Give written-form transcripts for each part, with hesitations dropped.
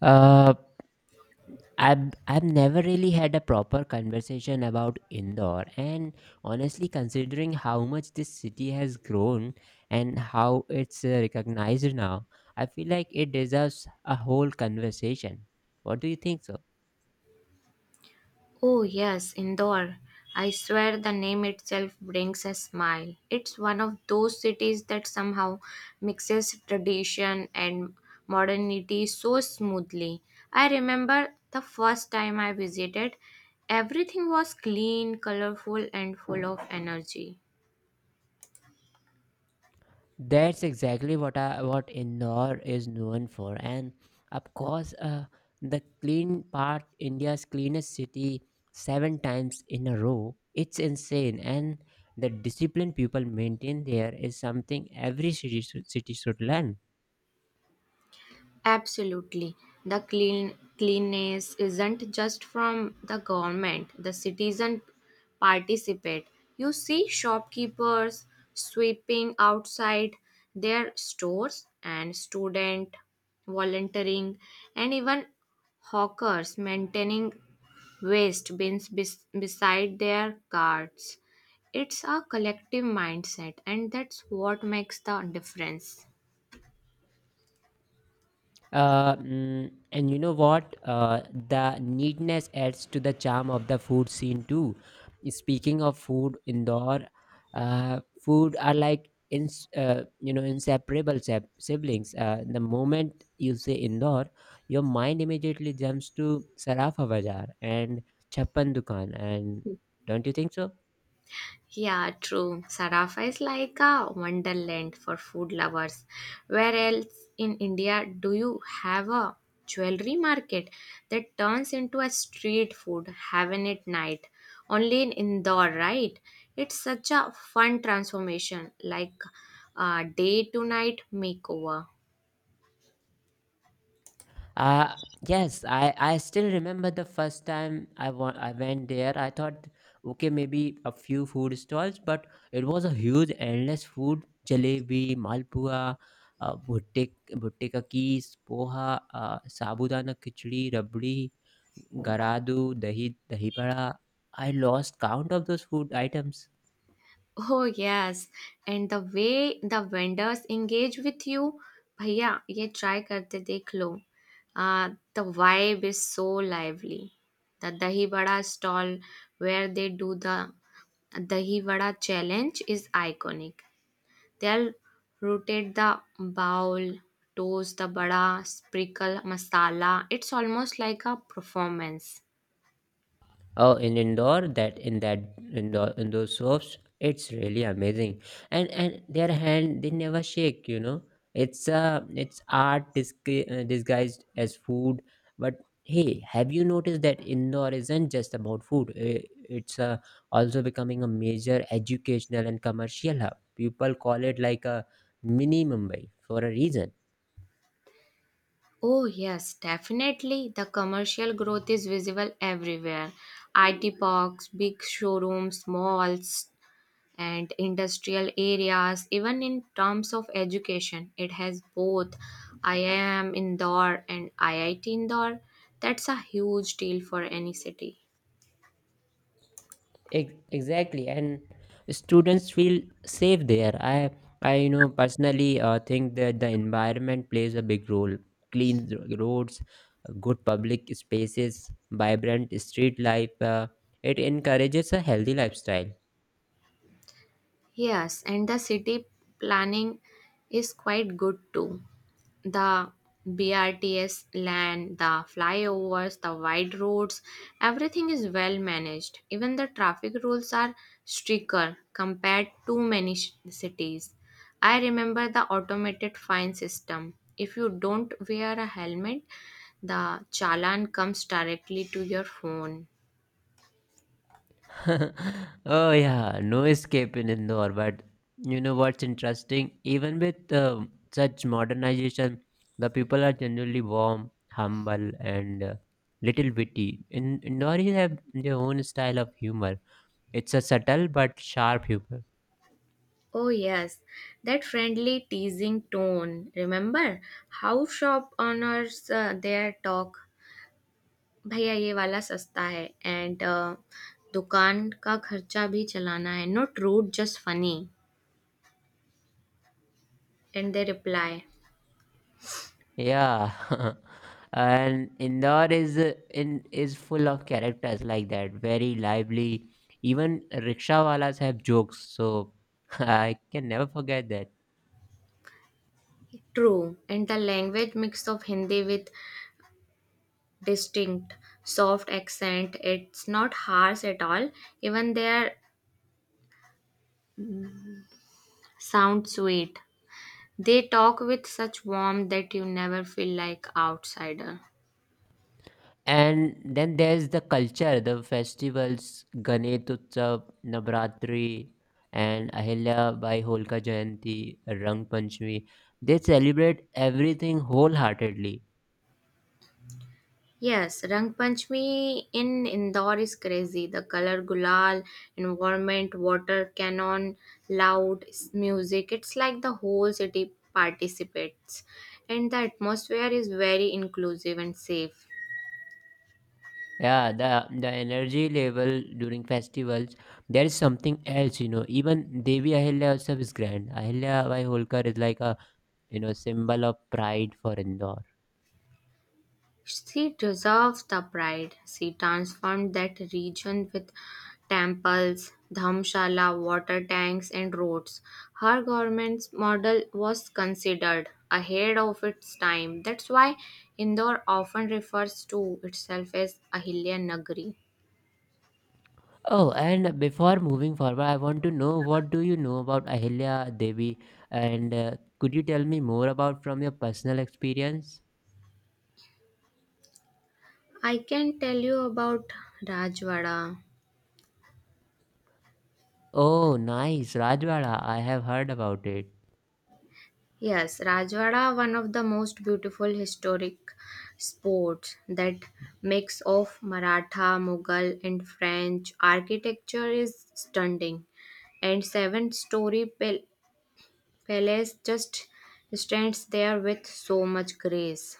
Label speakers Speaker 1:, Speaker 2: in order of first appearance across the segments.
Speaker 1: Uh, I've never really had a proper conversation about Indore, and honestly, considering how much this city has grown and how it's recognized now, I feel like it deserves a whole conversation. What do you think so?
Speaker 2: Oh, yes, Indore. I swear the name itself brings a smile. It's one of those cities that somehow mixes tradition and modernity so smoothly. I remember the first time I visited, everything was clean, colorful, and full of energy.
Speaker 1: That's exactly what Indore is known for, and of course, the clean part, India's cleanest city, seven times in a row. It's insane, and the discipline people maintain there is something every city should learn.
Speaker 2: Absolutely. The clean cleanness isn't just from the government. The citizen participate. You see shopkeepers sweeping outside their stores and student volunteering and even hawkers maintaining waste bins beside their carts. It's a collective mindset and that's what makes the difference.
Speaker 1: And you know what? The neatness adds to the charm of the food scene too. Speaking of food, Indore, food are like inseparable siblings. The moment you say Indore, your mind immediately jumps to Sarafa Bazaar and Chappan Dukan, and don't you think so?
Speaker 2: Yeah, true. Sarafa is like a wonderland for food lovers. Where else in India do you have a jewelry market that turns into a street food haven at night? Only in Indore, right? It's such a fun transformation, like a day to night makeover.
Speaker 1: Uh yes, I still remember the first time I went there. I thought okay, maybe a few food stalls, but it was a huge endless food, jalebi, malpua, bhutte ka kees, poha, sabudana khichdi, rabdi, garadu, dahi pada. I lost count of those food items.
Speaker 2: Oh yes, and the way the vendors engage with you, भैया ये try करके देख लो. The vibe is so lively. The dahi vada stall where they do the dahi vada challenge is iconic. They'll rotate the bowl, toast the vada, sprinkle masala. It's almost like a performance.
Speaker 1: Oh, in indoor that in that indoor in those soaps, it's really amazing. And their hand they never shake. You know, it's art disguised as food. But hey, have you noticed that indoor isn't just about food? It's also becoming a major educational and commercial hub. People call it like a mini Mumbai for a reason.
Speaker 2: Oh, yes, definitely. The commercial growth is visible everywhere. IT parks, big showrooms, malls, and industrial areas. Even in terms of education, it has both IIM Indore and IIT Indore. That's a huge deal for any city.
Speaker 1: Exactly, and students feel safe there. I personally think that the environment plays a big role. Clean roads, good public spaces, vibrant street life, it encourages a healthy lifestyle.
Speaker 2: Yes, and the city planning is quite good too. The BRTS land, the flyovers, the wide roads, everything is well managed. Even the traffic rules are stricter compared to many cities. I remember the automated fine system. If you don't wear a helmet, the challan comes directly to your phone.
Speaker 1: Oh yeah, no escape in Indore. But you know what's interesting? Even with such modernization, the people are generally warm, humble, and little witty. In Indoris have their own style of humor. It's a subtle but sharp humor.
Speaker 2: Oh, yes, that friendly teasing tone. Remember how shop owners there talk भैया ये वाला सस्ता है and अ, दुकान का खर्चा भी चलाना है not rude just funny and they reply
Speaker 1: Yeah, and Indore is in is full of characters like that. Very lively. Even rickshaw walas have jokes. So I can never forget.
Speaker 2: True and the language mix of Hindi with distinct soft accent it's not harsh at all even they are sound sweet they talk with such warmth that you never feel like outsider.
Speaker 1: And then there's the culture, the festivals, Ganesh Utsav, Navratri, and Ahilya Bai Holka Jayanti, Rang Panchami. They celebrate everything wholeheartedly.
Speaker 2: Yes, Rang Panchami in Indore is crazy. The color gulal, environment, water cannon, music. It's like the whole city participates. And the atmosphere is very inclusive and safe.
Speaker 1: Yeah, the energy level during festivals, there is something else, you know. Even Devi Ahilya Utsav is grand. Ahilya Bai Holkar is like a symbol of pride for Indore.
Speaker 2: She preserved the pride. She transformed that region with temples, dhamshala, water tanks, and roads. Her government's model was considered ahead of its time. That's why Indore often refers to itself as Ahilya Nagari.
Speaker 1: Oh, and before moving forward, I want to know what do you know about Ahilya Devi, and could you tell me more about from your personal experience?
Speaker 2: I can tell you about Rajwada.
Speaker 1: Oh, nice, Rajwada. I have heard about it.
Speaker 2: Yes, Rajwada, one of the most beautiful historic sports that mix of Maratha, Mughal and French architecture is stunning. And seven-story palace just stands there with so much grace.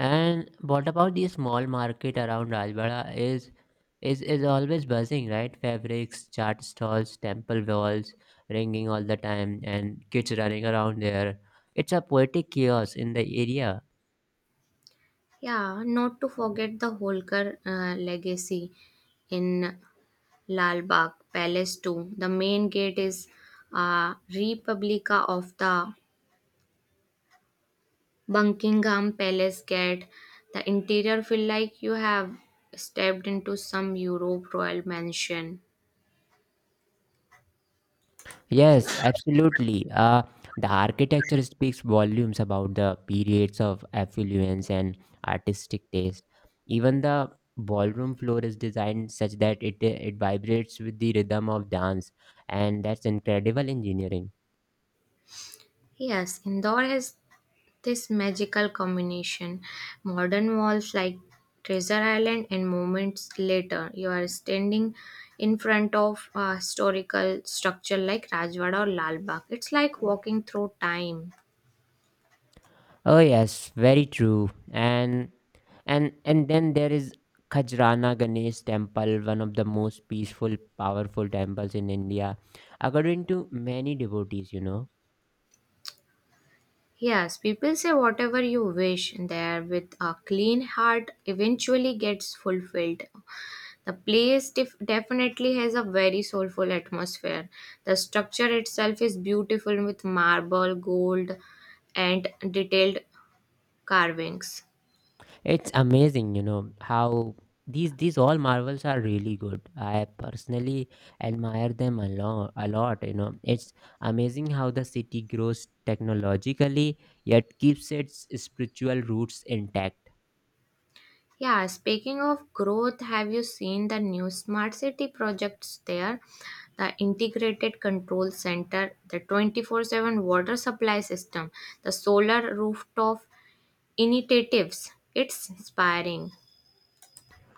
Speaker 1: And what about the small market around Rajwada? Is always buzzing, right? Fabrics, chart stalls, temple walls, ringing all the time, and kids running around there. It's a poetic chaos in the area.
Speaker 2: Yeah, not to forget the Holkar legacy in Lal Bagh Palace too. The main gate is a replica of the Buckingham Palace Gate. The interior feel like you have stepped into some Europe royal mansion.
Speaker 1: Yes, absolutely. The architecture speaks volumes about the periods of affluence and artistic taste. Even the ballroom floor is designed such that it vibrates with the rhythm of dance, and that's incredible engineering.
Speaker 2: Yes, Indore has this magical combination. Modern walls like Treasure Island and moments later you are standing in front of a historical structure like Rajwada or Lal Bagh. It's like walking through time.
Speaker 1: Oh yes, very true. And then there is Khajrana Ganesh Temple, one of the most peaceful, powerful temples in India, according to many devotees. You know.
Speaker 2: Yes, people say whatever you wish there with a clean heart eventually gets fulfilled. The place definitely has a very soulful atmosphere. The structure itself is beautiful with marble, gold, and detailed carvings.
Speaker 1: It's amazing, you know, how these all marvels are really good. I personally admire them a lot, you know. It's amazing how the city grows technologically yet keeps its spiritual roots intact.
Speaker 2: Yeah, speaking of growth, have you seen the new smart city projects there? The integrated control center, the 24/7 water supply system, the solar rooftop initiatives. It's inspiring.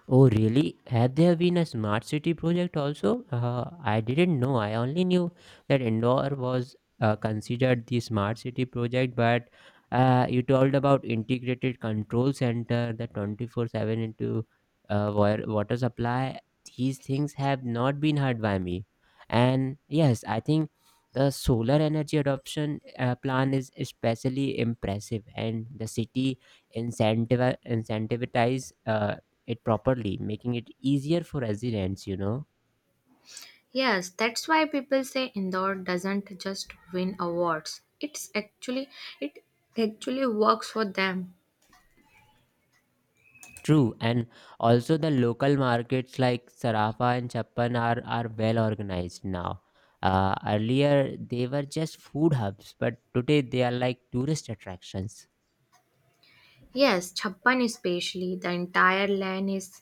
Speaker 1: Oh, really? Had there been a smart city project also? I didn't know. I only knew that Indore was considered the smart city project, but you told about integrated control center, the 24/7 water supply. These things have not been heard by me. And yes, I think the solar energy adoption plan is especially impressive, and the city incentive incentivize it properly, making it easier for residents, you know.
Speaker 2: Yes, that's why people say Indore doesn't just win awards. It actually works for them.
Speaker 1: True, and also the local markets like Sarafa and Chappan are well organized now. Earlier, they were just food hubs, but today they are like tourist attractions.
Speaker 2: Yes, Chappan especially, the entire land is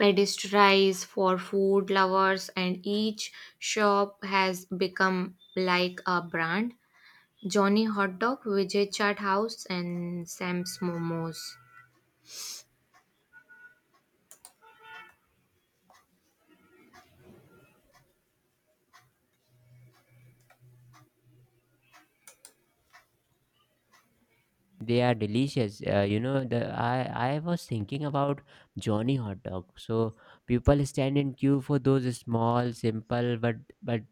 Speaker 2: pedestrianized for food lovers and each shop has become like a brand. Johnny Hot Dog, Vijay Chat House and Sam's Momos.
Speaker 1: They are delicious. I was thinking about Johnny hot dog. So people stand in queue for those small, simple, but but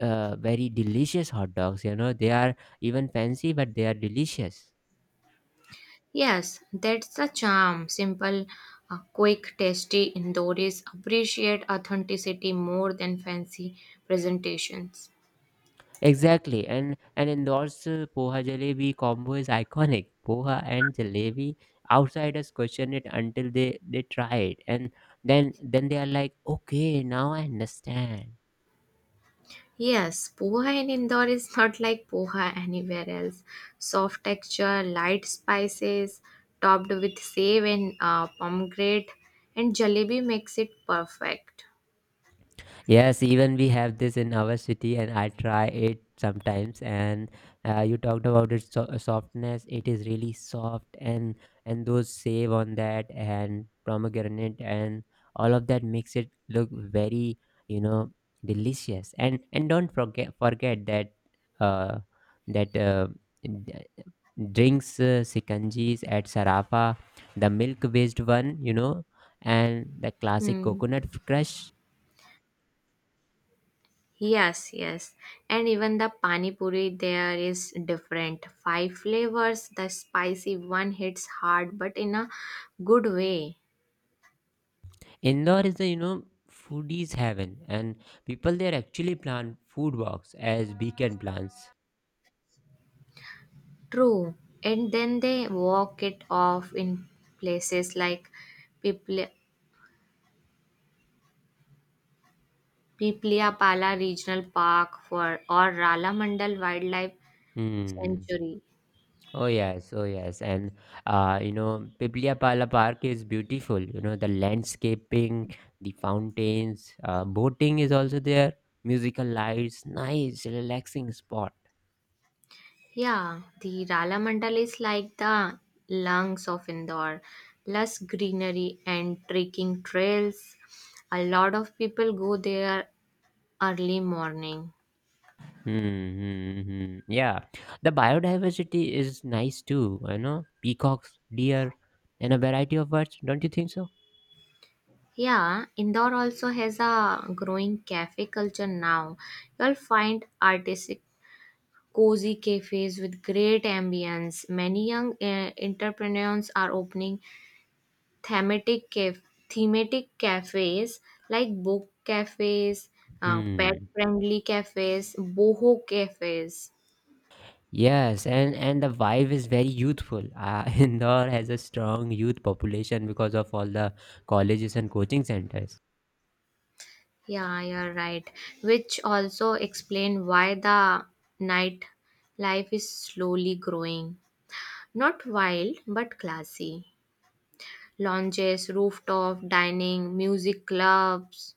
Speaker 1: uh, very delicious hot dogs. You know, they are even fancy, but they are delicious.
Speaker 2: Yes, that's the charm. Simple, quick, tasty Indoris appreciate authenticity more than fancy presentations.
Speaker 1: Exactly, and Indore's poha jalebi combo is iconic. Poha and jalebi, outsiders question it until they try it, and then they are like, okay, now I understand.
Speaker 2: Yes, poha in Indore is not like poha anywhere else. Soft texture, light spices, topped with save and pomegranate, and jalebi makes it perfect.
Speaker 1: Yes, even we have this in our city, and I try it sometimes. And you talked about its softness; it is really soft, and those save on that and pomegranate and all of that makes it look very, you know, delicious. And don't forget that uh, that uh, d- drinks sikanjis at Sarafa, the milk based one, you know, and the classic
Speaker 2: Hmm.
Speaker 1: coconut crush.
Speaker 2: Yes, yes. And even the pani puri there is different. Five flavors. The spicy one hits hard, but in a good way.
Speaker 1: Indore is the foodies heaven, and people there actually plant food walks as weekend plans.
Speaker 2: True. And then they walk it off in places like Pipli- Pipliapala Regional Park for or Rala Mandal Wildlife
Speaker 1: Hmm.
Speaker 2: Sanctuary.
Speaker 1: Oh yes, oh yes, and Pipliapala Park is beautiful. You know the landscaping, the fountains, boating is also there. Musical lights, nice relaxing spot.
Speaker 2: Yeah, the Rala is like the lungs of Indore. Lush greenery and trekking trails. A lot of people go there early morning.
Speaker 1: Mm-hmm, hmm, yeah, the biodiversity is nice too. You know, peacocks, deer, and a variety of birds. Don't you think so?
Speaker 2: Yeah, Indore also has a growing cafe culture now. You'll find artistic, cozy cafes with great ambience. Many young entrepreneurs are opening thematic caf- thematic cafes like book cafes, pet
Speaker 1: Hmm.
Speaker 2: friendly cafes, boho cafes.
Speaker 1: Yes, and the vibe is very youthful. Indore has a strong youth population because of all the colleges and coaching centers.
Speaker 2: Yeah, you're right. Which also explain why the night life is slowly growing. Not wild, but classy. Lounges, rooftop dining, music clubs.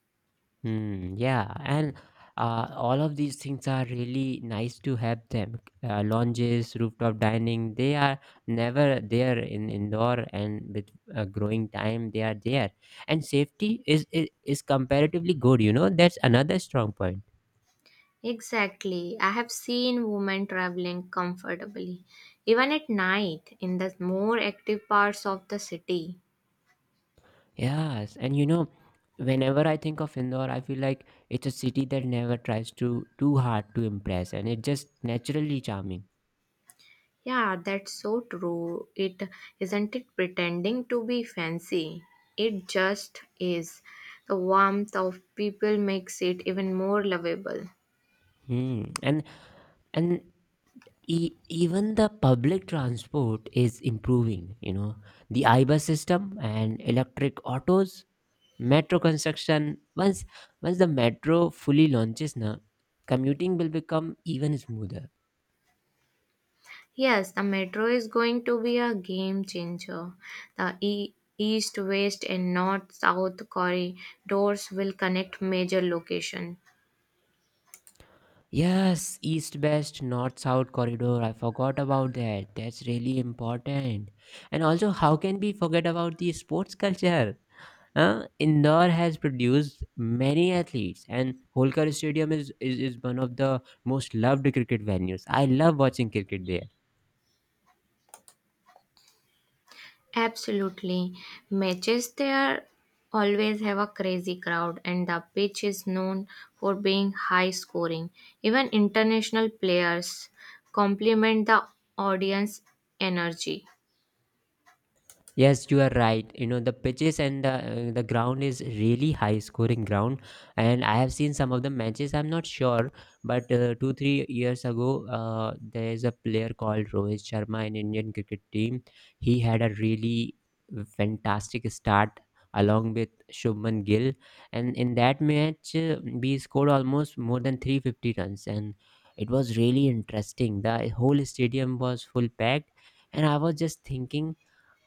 Speaker 1: Hmm. Yeah, and all of these things are really nice to have them. Lounges, rooftop dining, they are never there in indoor, and with growing time, they are there. And safety is comparatively good. You know, that's another strong point.
Speaker 2: Exactly. I have seen women traveling comfortably, even at night in the more active parts of the city.
Speaker 1: Yes, and you know, whenever I think of Indore, I feel like it's a city that never tries to too hard to impress, and it's just naturally charming.
Speaker 2: Yeah, that's so true. It isn't it pretending to be fancy. It just is. The warmth of people makes it even more lovable.
Speaker 1: Hmm. And Even the public transport is improving, you know, the I bus system and electric autos, metro construction. Once the metro fully launches na, commuting will become even smoother.
Speaker 2: Yes, the metro is going to be a game changer. The east, west, and north south corridors will connect major locations.
Speaker 1: Yes, east west north south corridor, I forgot about that. That's really important. And also how can we forget about the sports culture. Indore has produced many athletes, and Holkar Stadium is one of the most loved cricket venues. I love watching cricket there.
Speaker 2: Absolutely. Matches there always have a crazy crowd, and the pitch is known for being high scoring. Even international players compliment the audience energy.
Speaker 1: Yes, you are right. You know the pitches and the ground is really high scoring ground, and I have seen some of the matches. I'm not sure, but 2 or 3 years ago, there is a player called Rohit Sharma in Indian cricket team. He had a really fantastic start along with Shubman Gill, and in that match, we scored almost more than 350 runs, and it was really interesting. The whole stadium was full packed, and I was just thinking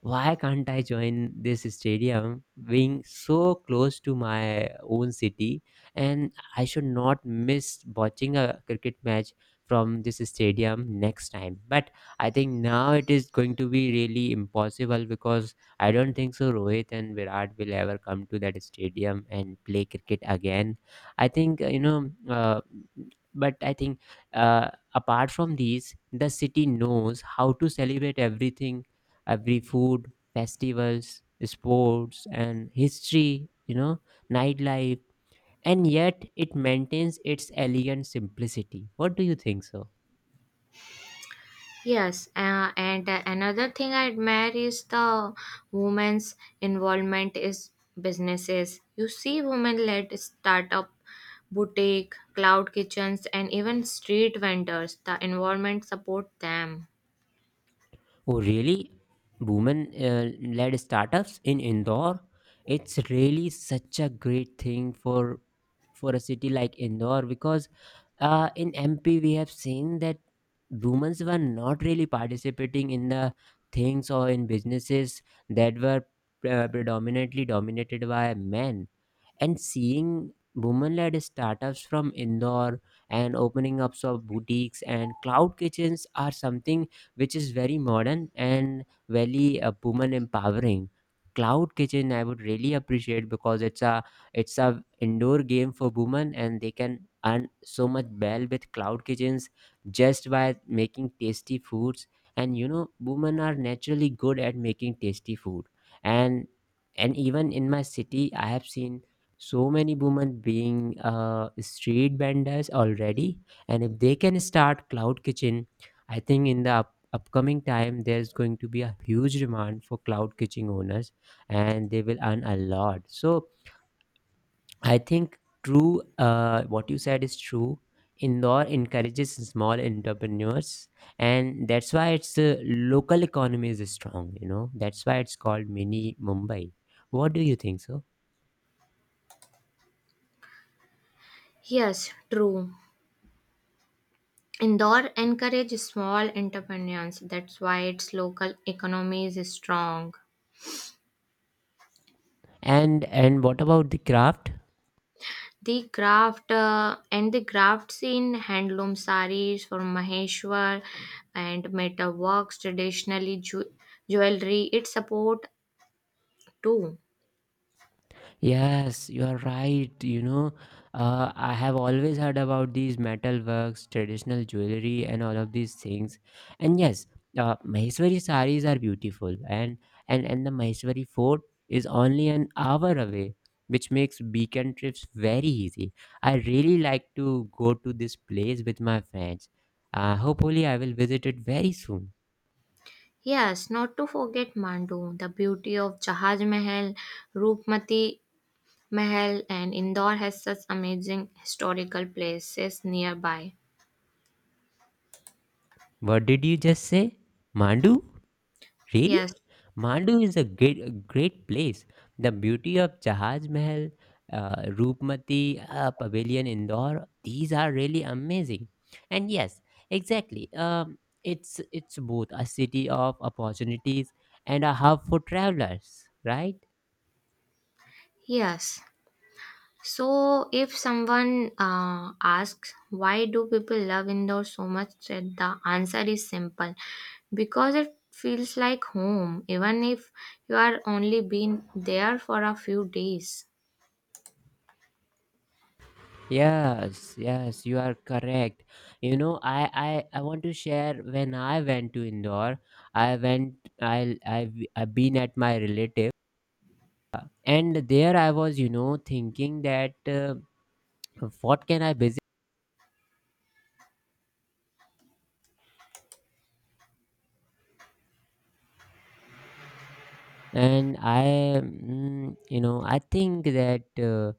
Speaker 1: why can't I join this stadium being so close to my own city? And I should not miss watching a cricket match from this stadium next time. But I think now it is going to be really impossible because I don't think so Rohit and Virat will ever come to that stadium and play cricket again. I think, you know, but I think apart from these, the city knows how to celebrate everything, every food festivals, sports, and history, you know, nightlife, and yet it maintains its elegant simplicity. What do you think so?
Speaker 2: Yes, and another thing I admire is the women's involvement is businesses. You see women-led startup, boutique, cloud kitchens, and even street vendors. The environment support them.
Speaker 1: Oh really, women led startups in indore. It's really such a great thing for a city like indore because in mp we have seen that Women's were not really participating in the things or in businesses that were predominantly dominated by men, and seeing women-led startups from Indore and opening up of boutiques and cloud kitchens are something which is very modern and very woman empowering. Cloud kitchen I would really appreciate because it's a indoor game for women, and they can earn so much well with cloud kitchens just by making tasty foods, and you know women are naturally good at making tasty food. And and even in my city I have seen so many women being street vendors already, and if they can start cloud kitchen, I think in the upcoming time there's going to be a huge demand for cloud kitchen owners, and they will earn a lot. So I think true, what you said is true. Indore encourages small entrepreneurs, and that's why its local economy is strong. You know, that's why it's called mini mumbai. What do you think so?
Speaker 2: Yes, true. Indore encourages small entrepreneurs. That's why its local economy is strong.
Speaker 1: And what about the craft?
Speaker 2: The craft and the crafts in handloom saris for Maheshwar and metal works, traditionally jewelry, it support too.
Speaker 1: Yes, you are right. You know, I have always heard about these metal works, traditional jewelry, and all of these things. And yes, Maheshwari saris are beautiful, and and the Maheshwari fort is only an hour away, which makes weekend trips very easy. I really like to go to this place with my friends. Hopefully, I will visit it very soon.
Speaker 2: Yes, not to forget Mandu, the beauty of Jahaj Mahal, Rupmati Mahal, and Indore has such amazing historical places nearby.
Speaker 1: What did you just say, Mandu?
Speaker 2: Yes,
Speaker 1: Really? Mandu is a great place. The beauty of Jahaj Mahal, Roopmati, Pavilion Indore, these are really amazing. And yes, exactly. It's both a city of opportunities and a hub for travelers, right?
Speaker 2: yes. So, if someone asks why do people love indoors so much, that the answer is simple because it feels like home, even if you are only been there for a few days.
Speaker 1: Yes, yes, you are correct. You know, I want to share. When I went to Indore, I went I I've been at my relative, and there I was thinking that what can I visit. And i mm, you know i think that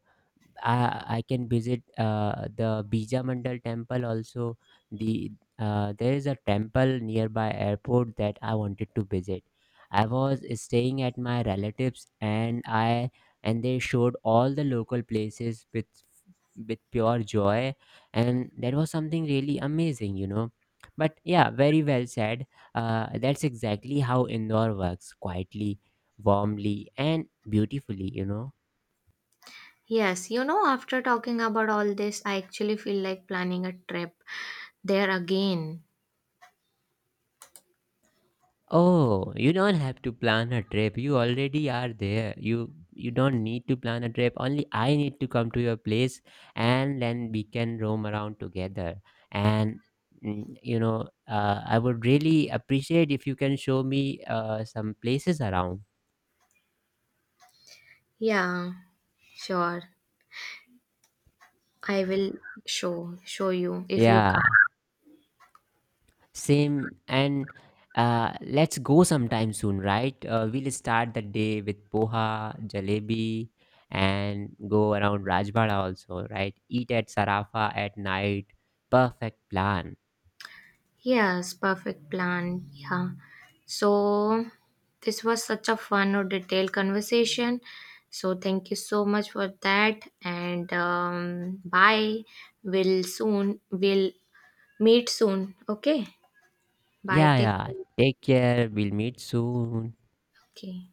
Speaker 1: I can visit the bija mandal temple also. The uh, there is a temple nearby airport that I wanted to visit. I was staying at my relatives, and they showed all the local places with pure joy, and that was something really amazing, you know. But yeah, very well said. That's exactly how indoor works quietly, warmly, and beautifully, you know.
Speaker 2: Yes, you know, after talking about all this, I actually feel like planning a trip there again.
Speaker 1: Oh, you don't have to plan a trip. You already are there. You don't need to plan a trip. Only I need to come to your place, and then we can roam around together. And you know, I would really appreciate if you can show me some places around.
Speaker 2: Yeah, sure. I will show you if you come.
Speaker 1: Yeah, same. And let's go sometime soon, right? We'll start the day with poha, jalebi, and go around Rajbara also, right? Eat at Sarafa at night. Perfect plan.
Speaker 2: Yes, perfect plan. Yeah. So this was such a fun or detailed conversation. So thank you so much for that. And bye. We'll meet soon. Okay. Bye.
Speaker 1: Yeah,
Speaker 2: Take
Speaker 1: yeah.
Speaker 2: care.
Speaker 1: Take care. We'll meet soon.
Speaker 2: Okay.